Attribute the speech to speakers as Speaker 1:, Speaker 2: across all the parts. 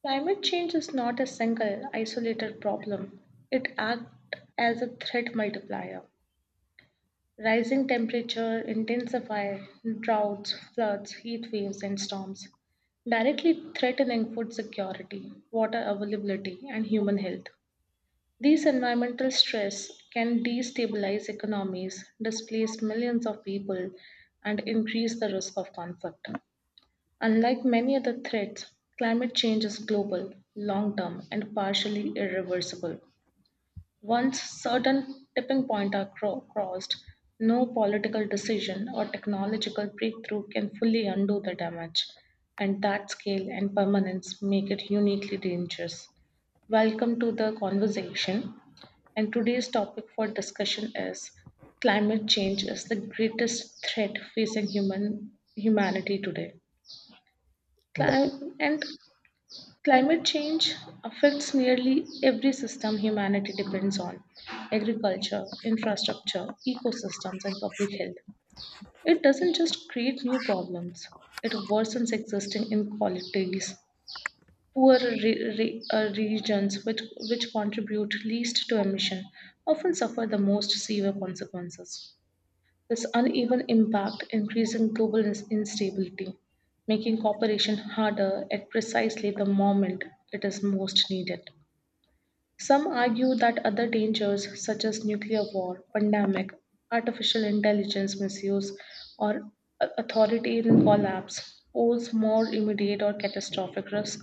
Speaker 1: Climate change is not a single, isolated problem. It acts as a threat multiplier. Rising temperature intensify droughts, floods, heat waves, and storms, directly threatening food security, water availability, and human health. These environmental stress can destabilize economies, displace millions of people, and increase the risk of conflict. Unlike many other threats, climate change is global, long term, and partially irreversible. Once certain tipping points are crossed, no political decision or technological breakthrough can fully undo the damage, and that scale and permanence make it uniquely dangerous. Welcome to the conversation. And today's topic for discussion is climate change is the greatest threat facing human humanity today.
Speaker 2: Mm,
Speaker 1: Cli- and Climate change affects nearly every system humanity depends on agriculture, infrastructure, ecosystems, and public health. It doesn't just create new problems, it worsens existing inequalities, poorer regions which contribute least to emission often suffer the most severe consequences. This uneven impact increasing global instability, making cooperation harder at precisely the moment it is most needed. Some argue that other dangers such as nuclear war, pandemic, artificial intelligence misuse, or authoritarian collapse pose more immediate or catastrophic risk,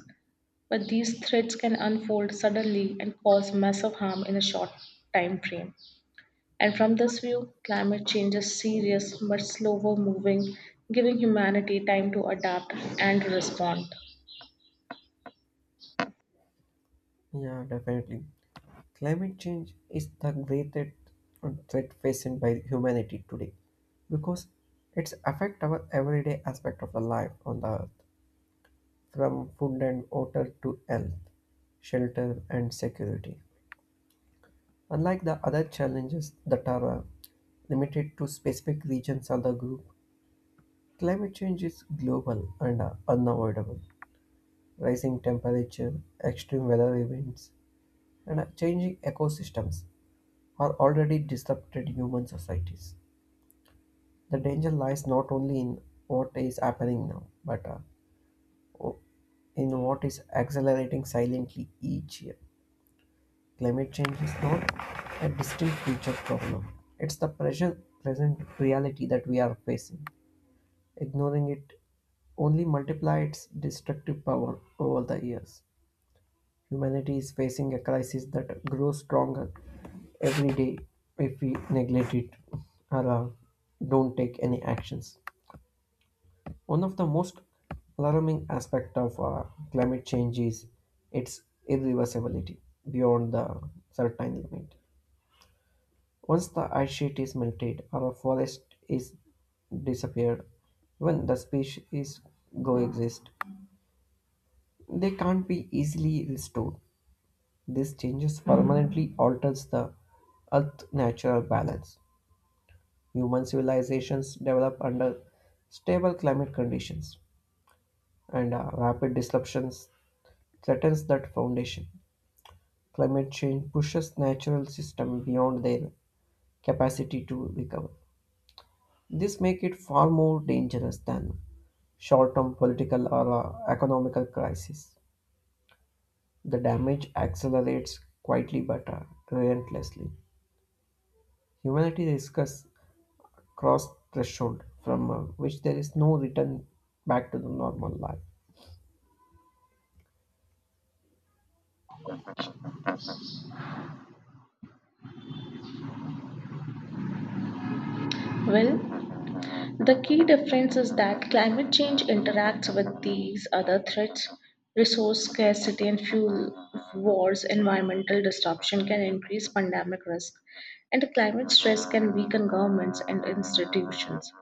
Speaker 1: but these threats can unfold suddenly and cause massive harm in a short time frame. And from this view, climate change is serious but slower moving, giving humanity time to adapt and respond.
Speaker 2: Yeah, definitely. Climate change is the greatest threat faced by humanity today because it's affect our everyday aspect of the life on the earth, from food and water to health, shelter and security. Unlike the other challenges that are limited to specific regions or the group, climate change is global and unavoidable. Rising temperature, extreme weather events, and changing ecosystems or already disrupted human societies. The danger lies not only in what is happening now, but in what is accelerating silently each year. Climate change is not a distinct future problem, it's the present reality that we are facing. Ignoring it only multiplies its destructive power over the years. Humanity is facing a crisis that grows stronger every day if we neglect it or don't take any actions. One of the most alarming aspects of climate change is its irreversibility beyond the certain limit. Once the ice sheet is melted or a forest is disappeared, when the species coexist, they can't be easily restored. These changes permanently alters the Earth's natural balance. Human civilizations develop under stable climate conditions, and rapid disruptions threatens that foundation. Climate change pushes natural systems beyond their capacity to recover. This makes it far more dangerous than short-term political or economical crisis. The damage accelerates quietly but relentlessly. Humanity risks cross threshold from which there is no return back to the normal life.
Speaker 1: Well, the key difference is that climate change interacts with these other threats. Resource scarcity and fuel wars, environmental disruption can increase pandemic risk, and climate stress can weaken governments and institutions.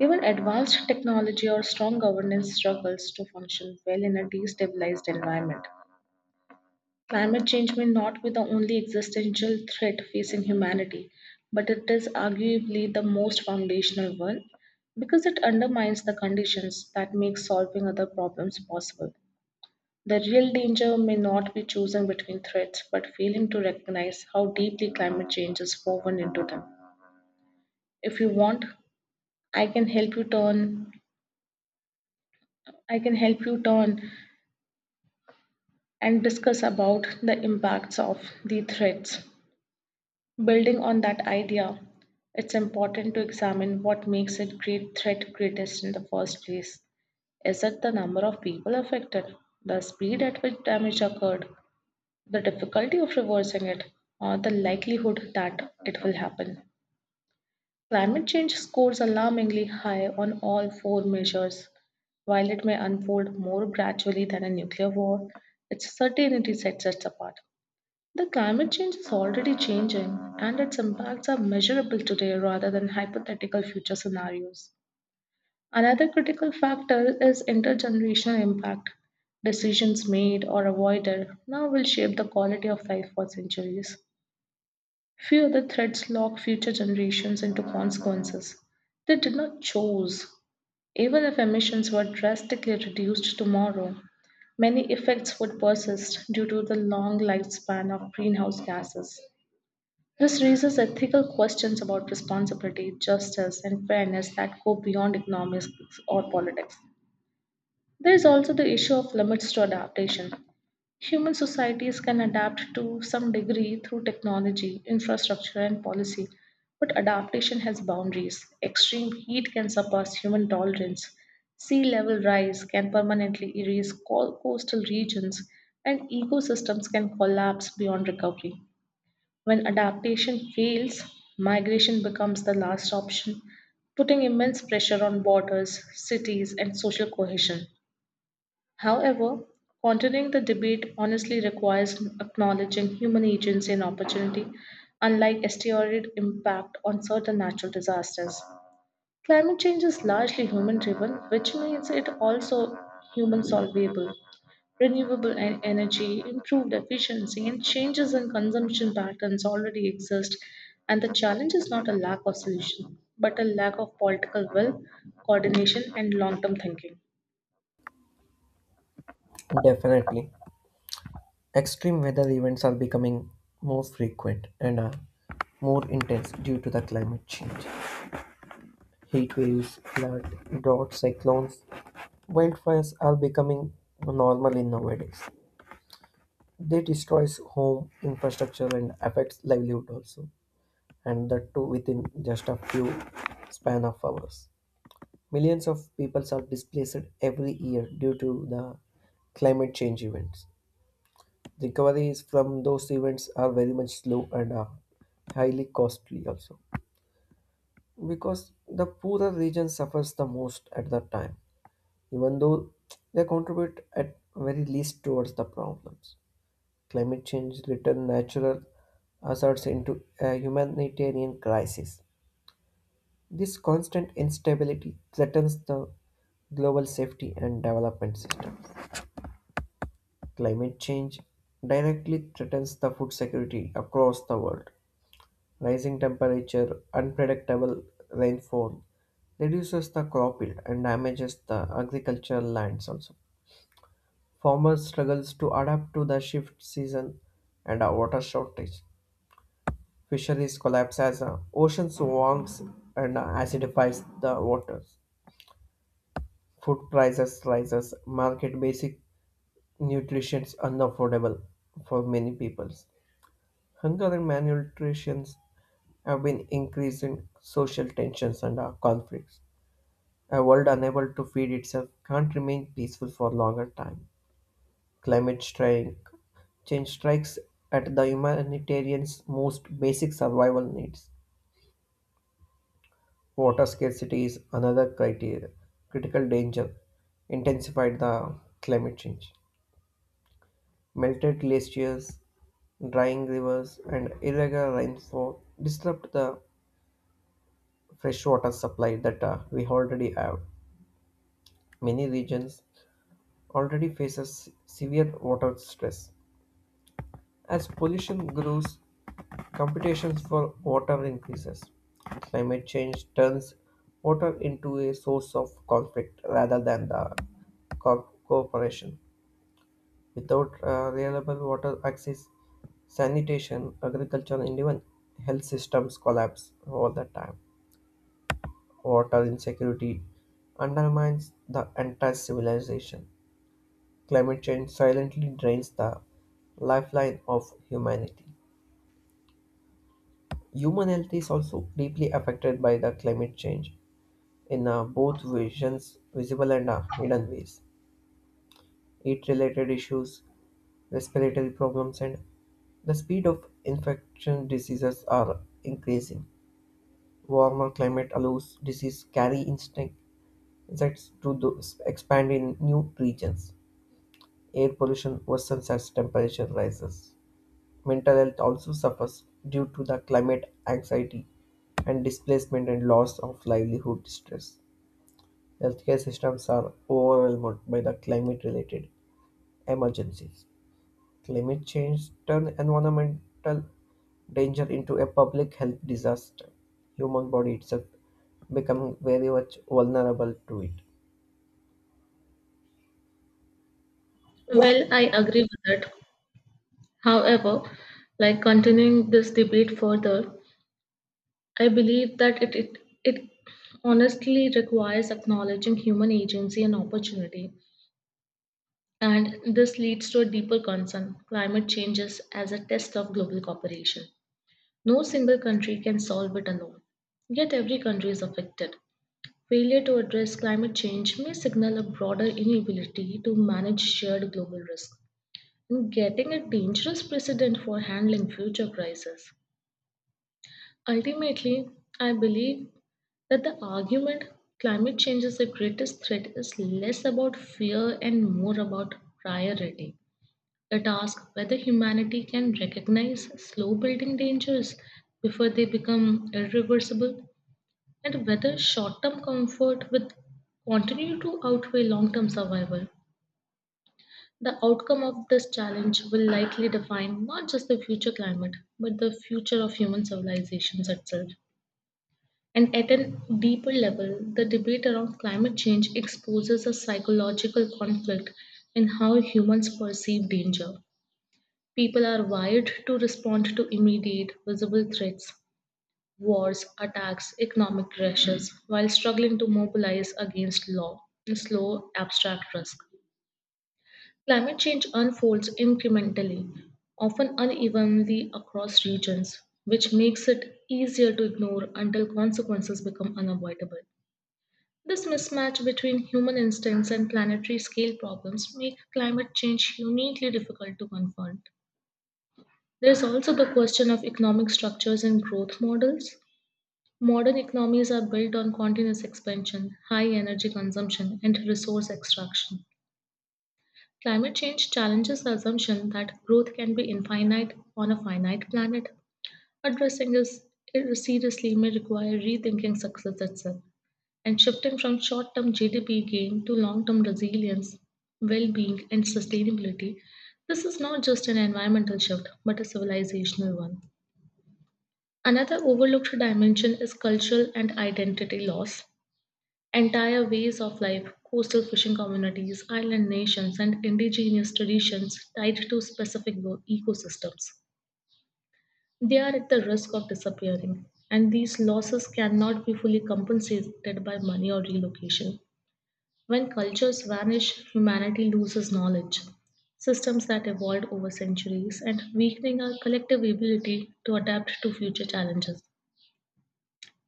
Speaker 1: Even advanced technology or strong governance struggles to function well in a destabilized environment. Climate change may not be the only existential threat facing humanity, but it is arguably the most foundational one because it undermines the conditions that make solving other problems possible. The real danger may not be choosing between threats, but failing to recognize how deeply climate change is woven into them. If you want, I can help you turn I can help you turn and discuss about the impacts of the threats. Building on that idea, it's important to examine what makes a great threat greatest in the first place. Is it the number of people affected, the speed at which damage occurred, the difficulty of reversing it, or the likelihood that it will happen? Climate change scores alarmingly high on all four measures. While it may unfold more gradually than a nuclear war, its certainty sets us apart. The climate change is already changing, and its impacts are measurable today rather than hypothetical future scenarios. Another critical factor is intergenerational impact. Decisions made or avoided now will shape the quality of life for centuries. Few other threats lock future generations into consequences they did not choose. Even if emissions were drastically reduced tomorrow, many effects would persist due to the long lifespan of greenhouse gases. This raises ethical questions about responsibility, justice, and fairness that go beyond economics or politics. There is also the issue of limits to adaptation. Human societies can adapt to some degree through technology, infrastructure, and policy, but adaptation has boundaries. Extreme heat can surpass human tolerance. Sea level rise can permanently erase coastal regions, and ecosystems can collapse beyond recovery. When adaptation fails, migration becomes the last option, putting immense pressure on borders, cities, and social cohesion. However, continuing the debate honestly requires acknowledging human agency and opportunity, unlike exterior impact on certain natural disasters. Climate change is largely human driven, which means it also human solvable renewable energy, improved efficiency, and changes in consumption patterns already exist. And the challenge is not a lack of solution, but a lack of political will, coordination, and long term thinking.
Speaker 2: Definitely. Extreme weather events are becoming more frequent and are more intense due to the climate change. Heat waves, flood, drought, cyclones, wildfires are becoming normal in nowadays. They destroys home infrastructure and affects livelihood also, and that too within just a few span of hours. Millions of people are displaced every year due to the climate change events. Recoveries from those events are very much slow and are highly costly also. Because the poorer region suffers the most at that time, even though they contribute at very least towards the problems. Climate change return natural hazards into a humanitarian crisis. This constant instability threatens the global safety and development system. Climate change directly threatens the food security across the world. Rising temperature, unpredictable rainfall reduces the crop yield and damages the agricultural lands also. Farmers struggles to adapt to the shift season and a water shortage. Fisheries collapse as oceans warms and acidifies the waters. Food prices rises, market basic nutrition is unaffordable for many people. Hunger and malnutrition have been increasing social tensions and conflicts. A world unable to feed itself can't remain peaceful for longer time. Climate strike change strikes at the humanitarian's most basic survival needs. Water scarcity is another critical danger intensified the climate change. Melted glaciers, drying rivers, and irregular rainfall disrupt the fresh water supply that we already have. Many regions already faces severe water stress. As pollution grows, competitions for water increases. Climate change turns water into a source of conflict rather than the cooperation. Without reliable water access, sanitation, agriculture, and even health systems collapse all the time. Water insecurity undermines the entire civilization. Climate change silently drains the lifeline of humanity. Human health is also deeply affected by the climate change in both visible and hidden ways. Heat-related issues, respiratory problems, and the speed of infection diseases are increasing. Warmer climate allows disease carry instinct insects to expand in new regions. Air pollution worsens as temperature rises. Mental health also suffers due to the climate anxiety and displacement and loss of livelihood stress. Healthcare systems are overwhelmed by the climate related emergencies. Climate change turns environmental danger into a public health disaster. Human body itself becoming very much vulnerable to it.
Speaker 1: Well, I agree with that. However, like continuing this debate further, I believe that it honestly requires acknowledging human agency and opportunity. And this leads to a deeper concern climate changes as a test of global cooperation. No single country can solve it alone. Yet every country is affected. Failure to address climate change may signal a broader inability to manage shared global risk and getting a dangerous precedent for handling future crises. Ultimately, I believe that the argument climate change is the greatest threat is less about fear and more about priority. It asks whether humanity can recognize slow building dangers before they become irreversible and whether short term comfort will continue to outweigh long term survival. The outcome of this challenge will likely define not just the future climate, but the future of human civilizations itself. And at a deeper level, the debate around climate change exposes a psychological conflict in how humans perceive danger. People are wired to respond to immediate, visible threats, wars, attacks, economic crashes, while struggling to mobilize against law, slow, abstract risk. Climate change unfolds incrementally, often unevenly across regions, which makes it easier to ignore until consequences become unavoidable. This mismatch between human instincts and planetary scale problems make climate change uniquely difficult to confront. There is also the question of economic structures and growth models. Modern economies are built on continuous expansion, high energy consumption, and resource extraction. Climate change challenges the assumption that growth can be infinite on a finite planet. Addressing this seriously may require rethinking success itself and shifting from short term GDP gain to long term resilience, well being, and sustainability. This is not just an environmental shift, but a civilizational one. Another overlooked dimension is cultural and identity loss. Entire ways of life, coastal fishing communities, island nations, and indigenous traditions tied to specific ecosystems. They are at the risk of disappearing, and these losses cannot be fully compensated by money or relocation. When cultures vanish, humanity loses knowledge, systems that evolved over centuries, and weakening our collective ability to adapt to future challenges.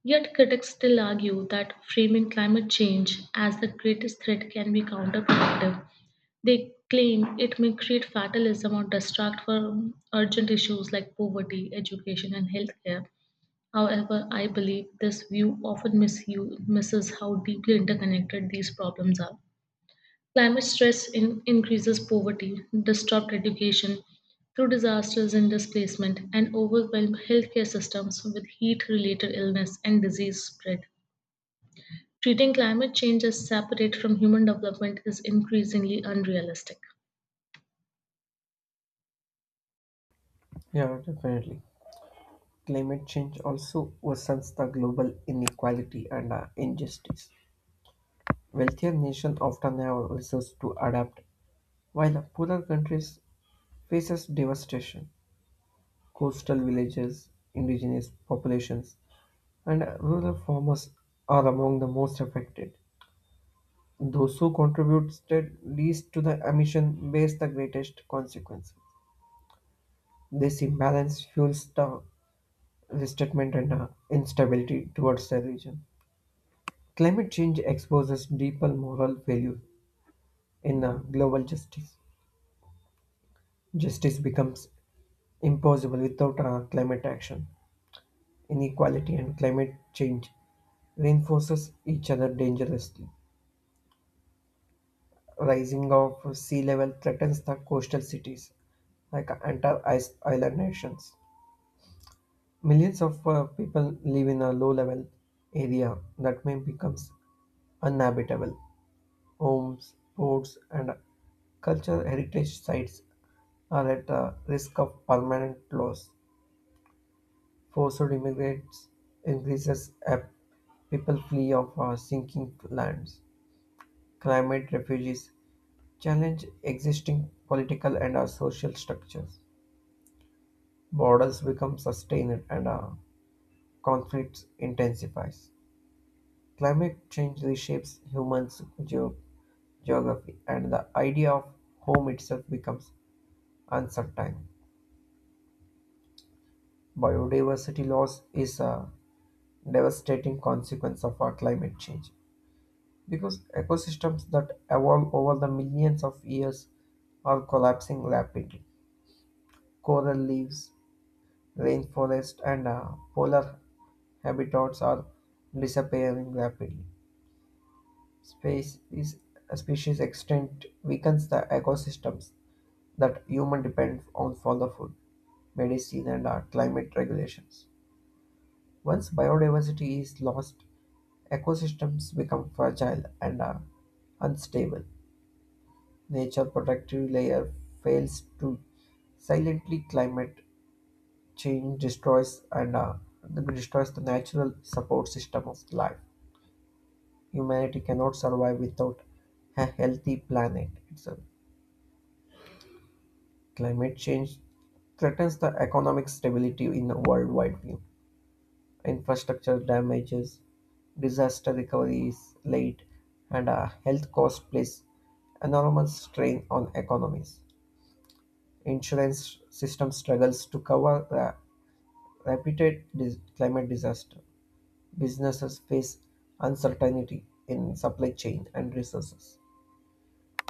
Speaker 1: Yet critics still argue that framing climate change as the greatest threat can be counterproductive. They claim it may create fatalism or distract from urgent issues like poverty, education, and healthcare. However, I believe this view often misses how deeply interconnected these problems are. Climate stress increases poverty, disrupt education through disasters and displacement, and overwhelm healthcare systems with heat-related illness and disease spread. Treating climate change as separate from human development is increasingly unrealistic.
Speaker 2: Yeah, definitely. Climate change also worsens the global inequality and injustice. Wealthier nations often have resources to adapt, while poorer countries faces devastation. Coastal villages, indigenous populations, and rural farmers are among the most affected. Those who contributed least to the emission bears the greatest consequences. This imbalance fuels the resentment and instability towards the region. Climate change exposes deeper moral values in global justice. Justice becomes impossible without climate action. Inequality and climate change reinforces each other dangerously. Rising of sea level threatens the coastal cities, like entire ice island nations. Millions of people live in a low level area that may become uninhabitable. Homes, ports, and cultural heritage sites are at a risk of permanent loss. Forced immigrants increases as people flee of sinking lands. Climate refugees challenge existing political and social structures. Borders become sustained and conflicts intensifies. Climate change reshapes humans' geography, and the idea of home itself becomes uncertain. Biodiversity loss is a devastating consequence of our climate change because ecosystems that evolve over the millions of years are collapsing rapidly. Coral reefs, rainforests, and polar habitats are disappearing rapidly. Space is a species extinct weakens the ecosystems that human depend on for the food, medicine, and climate regulations. Once biodiversity is lost, ecosystems become fragile and are unstable. Nature protective layer fails to silently climate change destroys and destroys the natural support system of life. Humanity cannot survive without a healthy planet itself. Climate change threatens the economic stability in a worldwide view. Infrastructure damages, disaster recovery is late, and health cost place enormous strain on economies. Insurance system struggles to cover the repeated climate disaster. Businesses face uncertainty in supply chain and resources.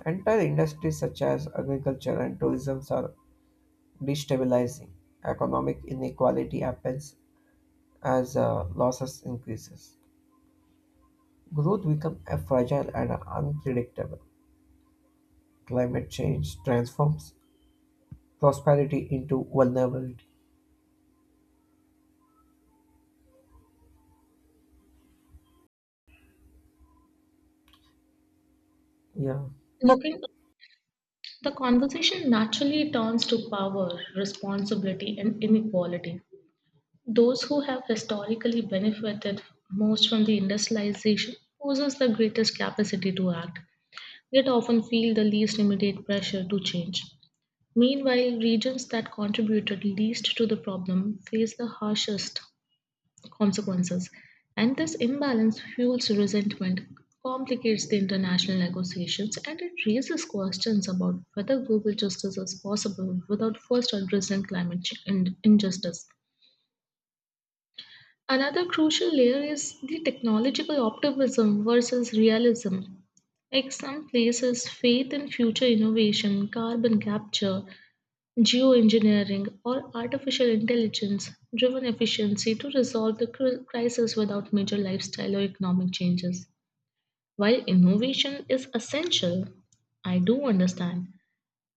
Speaker 2: Entire industries such as agriculture and tourism are destabilizing. Economic inequality happens as losses increases. Growth becomes fragile and unpredictable. Climate change transforms prosperity into vulnerability. Yeah,
Speaker 1: Looking, the conversation naturally turns to power, responsibility, and inequality. Those who have historically benefited most from the industrialization possess the greatest capacity to act, yet often feel the least immediate pressure to change. Meanwhile, regions that contributed least to the problem face the harshest consequences, and this imbalance fuels resentment, complicates the international negotiations, and it raises questions about whether global justice is possible without first addressing climate injustice. Another crucial layer is the technological optimism versus realism. Like some places, faith in future innovation, carbon capture, geoengineering, or artificial intelligence driven efficiency to resolve the crisis without major lifestyle or economic changes. While innovation is essential, I do understand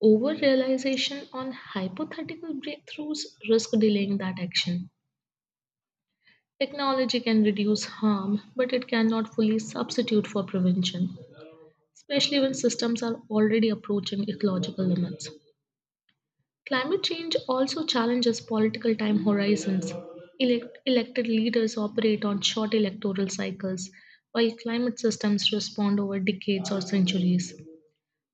Speaker 1: over realization on hypothetical breakthroughs risk delaying that action. Technology can reduce harm, but it cannot fully substitute for prevention, especially when systems are already approaching ecological limits. Climate change also challenges political time horizons. Elected leaders operate on short electoral cycles, while climate systems respond over decades or centuries.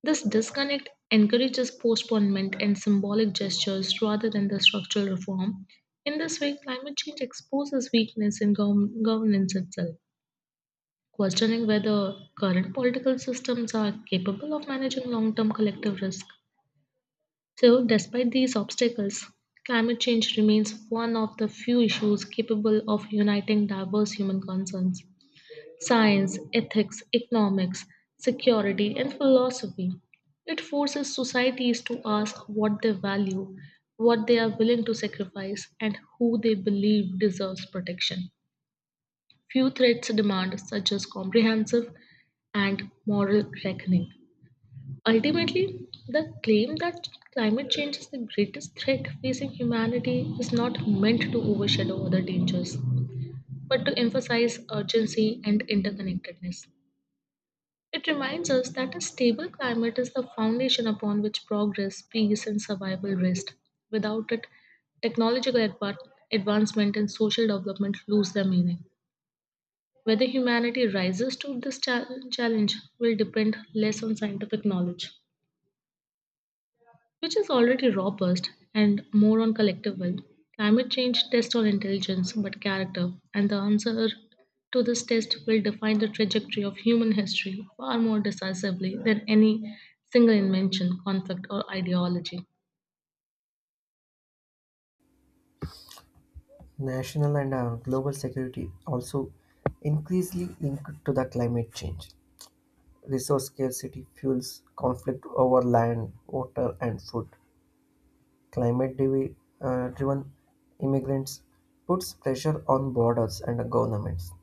Speaker 1: This disconnect encourages postponement and symbolic gestures rather than the structural reform. In this way, climate change exposes weakness in governance itself questioning whether current political systems are capable of managing long term collective risk. So, despite these obstacles, climate change remains one of the few issues capable of uniting diverse human concerns. Science, ethics, economics, security, and philosophy. It forces societies to ask what they value, what they are willing to sacrifice, and who they believe deserves protection. Few threats demand, such as comprehensive and moral reckoning. Ultimately, the claim that climate change is the greatest threat facing humanity is not meant to overshadow other dangers, but to emphasize urgency and interconnectedness. It reminds us that a stable climate is the foundation upon which progress, peace, and survival rest. Without it, technological advancement and social development lose their meaning. Whether humanity rises to this challenge will depend less on scientific knowledge, which is already robust, and more on collective will. Climate change tests on intelligence but character, and the answer to this test will define the trajectory of human history far more decisively than any single invention, conflict, or ideology.
Speaker 2: national and global security also increasingly linked to the climate change. Resource scarcity fuels conflict over land, water, and food. Climate driven immigrants puts pressure on borders and governments.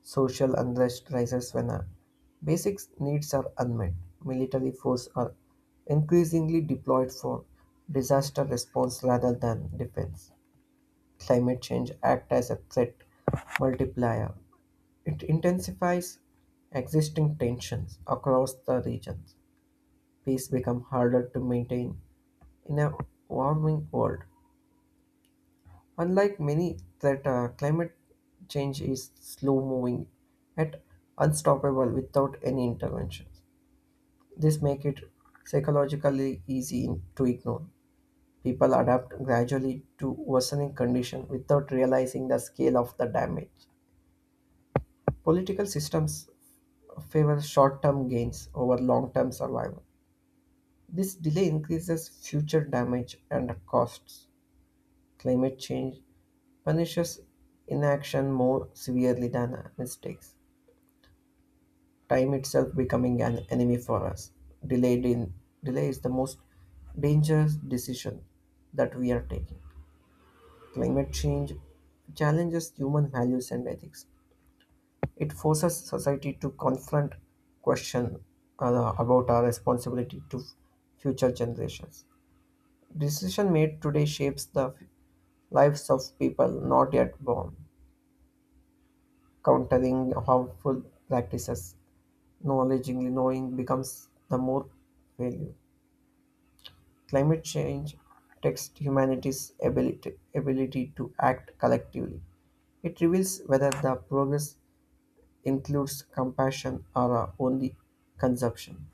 Speaker 2: Social unrest rises when our basic needs are unmet. Military force are increasingly deployed for disaster response rather than defense. Climate change acts as a threat multiplier. It intensifies existing tensions across the regions. Peace becomes harder to maintain in a warming world. Unlike many, that climate change is slow moving yet unstoppable without any intervention. This makes it psychologically to ignore. People adapt gradually to worsening condition without realizing the scale of the damage. Political systems favor short-term gains over long-term survival. This delay increases future damage and costs. Climate change punishes inaction more severely than mistakes, time itself becoming an enemy for us. Delayed in, Delay is the most dangerous decision that we are taking. Climate change challenges human values and ethics. It forces society to question about our responsibility to future generations. Decision made today shapes the lives of people not yet born, countering harmful practices knowledgeably knowing becomes the more value. Climate change tests ability to act collectively. It reveals whether the progress includes compassion or only consumption.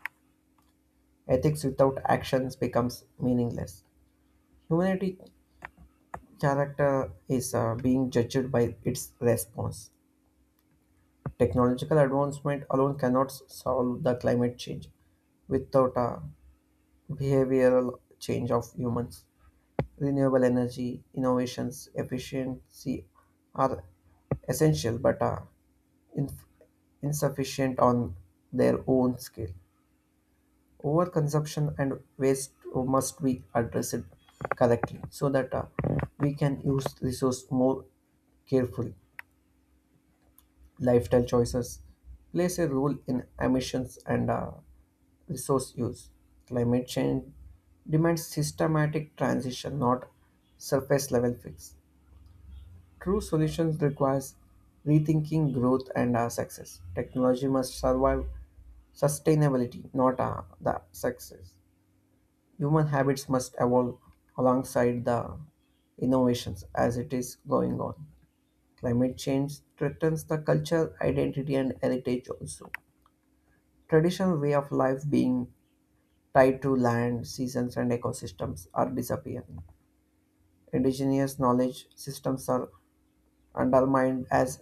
Speaker 2: Ethics without actions becomes meaningless. Humanity character is being judged by its response. Technological advancement alone cannot solve the climate change without a behavioral change of humans. Renewable energy innovations, efficiency are essential but are inf- insufficient on their own scale. Overconsumption and waste must be addressed correctly so that we can use resource more carefully. Lifestyle choices plays a role in emissions and resource use. Climate change demands systematic transition, not surface level fix. True solutions requires rethinking growth and our success. Technology must survive sustainability, not the success. Human habits must evolve alongside the innovations as it is going on. Climate change threatens the culture, identity, and heritage also. Traditional way of life being tied to land, seasons, and ecosystems are disappearing. Indigenous knowledge systems are undermined as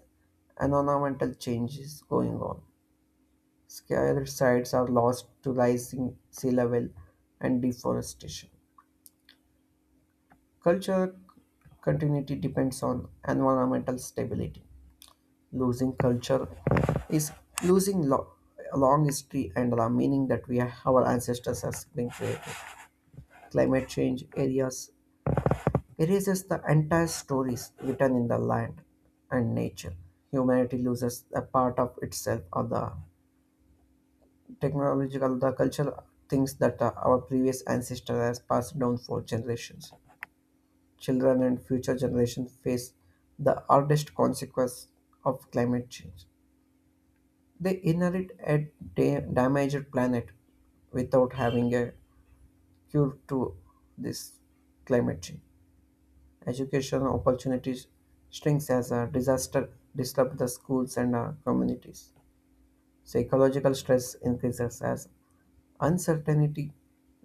Speaker 2: environmental change is going on. Scale sites are lost to rising sea level and deforestation. Culture continuity depends on environmental stability. Losing culture is losing a long history and the meaning that we our ancestors has been created. Climate change areas erases the entire stories written in the land and nature. Humanity loses a part of itself or the technological, the cultural things that our previous ancestor has passed down for generations. Children and future generations face the hardest consequence of climate change. They inherit a damaged planet without having a cure to this climate change. Education opportunities shrinks as a disaster disrupts the schools and communities. Psychological stress increases as uncertainty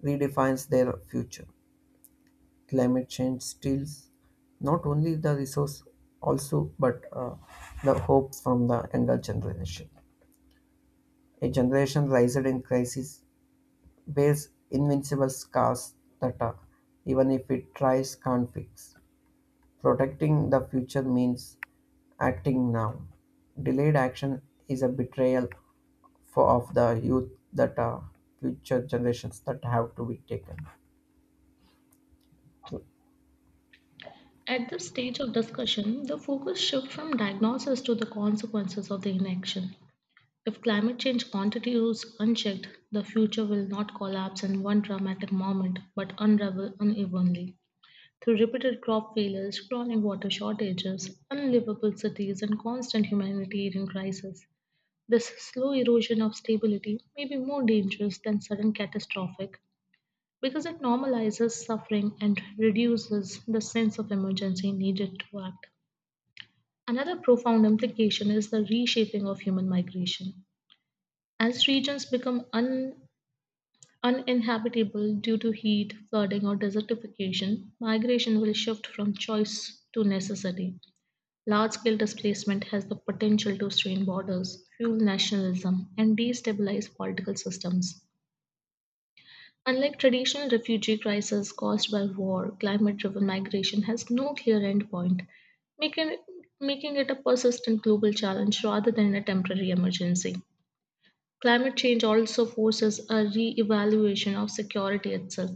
Speaker 2: redefines their future. Climate change steals not only the resource also but the hope from the younger generation. A generation raised in crisis bears invincible scars that even if it tries can't fix. Protecting the future means acting now. Delayed action is a betrayal for of the youth that future generations that have to be taken.
Speaker 1: At this stage of discussion, the focus shifts from diagnosis to the consequences of the inaction. If climate change continues unchecked, the future will not collapse in one dramatic moment but unravel unevenly. Through repeated crop failures, chronic water shortages, unlivable cities, and constant humanitarian crises, this slow erosion of stability may be more dangerous than sudden catastrophic because it normalizes suffering and reduces the sense of emergency needed to act. Another profound implication is the reshaping of human migration. As regions become uninhabitable due to heat, flooding, or desertification, migration will shift from choice to necessity. Large scale displacement has the potential to strain borders, fuel nationalism, and destabilize political systems. Unlike traditional refugee crises caused by war, climate driven migration has no clear endpoint, making, making it a persistent global challenge rather than a temporary emergency. Climate change also forces a re-evaluation of security itself.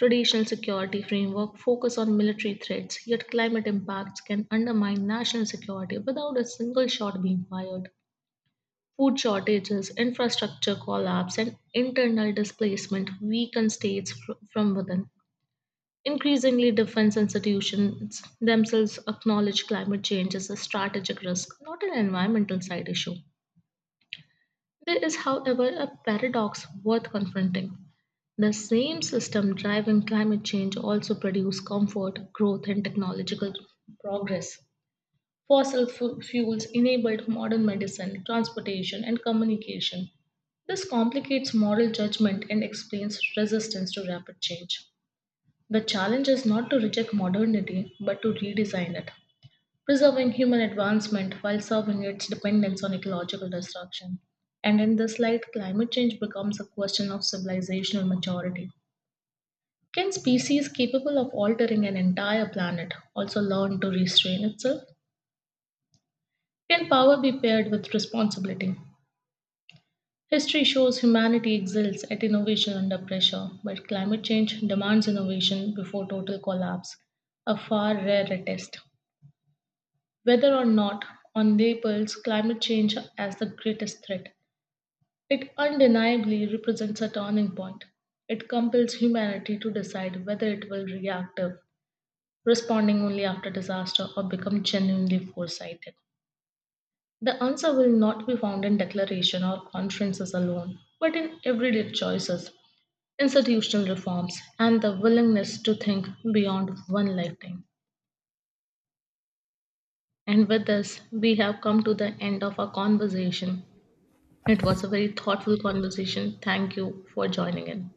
Speaker 1: Traditional security framework focus on military threats, yet climate impacts can undermine national security without a single shot being fired. Food shortages, infrastructure collapse, and internal displacement weaken states from within. Increasingly, defense institutions themselves acknowledge climate change as a strategic risk, not an environmental side issue. There is, however, a paradox worth confronting. The same system driving climate change also produce comfort, growth, and technological progress. Fossil fuels enabled modern medicine, transportation, and communication. This complicates moral judgment and explains resistance to rapid change. The challenge is not to reject modernity, but to redesign it, preserving human advancement while serving its dependence on ecological destruction. And in this light, climate change becomes a question of civilizational maturity can species capable of altering an entire planet also learn to restrain itself? Can power be paired with responsibility? History shows humanity excels at innovation under pressure, but climate change demands innovation before total collapse, a far rarer test. Whether or not on labels climate change as the greatest threat, it undeniably represents a turning point. It compels humanity to decide whether it will react responding only after disaster, or become genuinely foresighted. The answer will not be found in declaration or conferences alone, but in everyday choices, institutional reforms, and the willingness to think beyond one lifetime. And with this, we have come to the end of our conversation. It was a very thoughtful conversation. Thank you for joining in.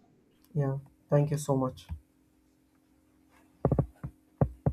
Speaker 2: Yeah. Thank you so much.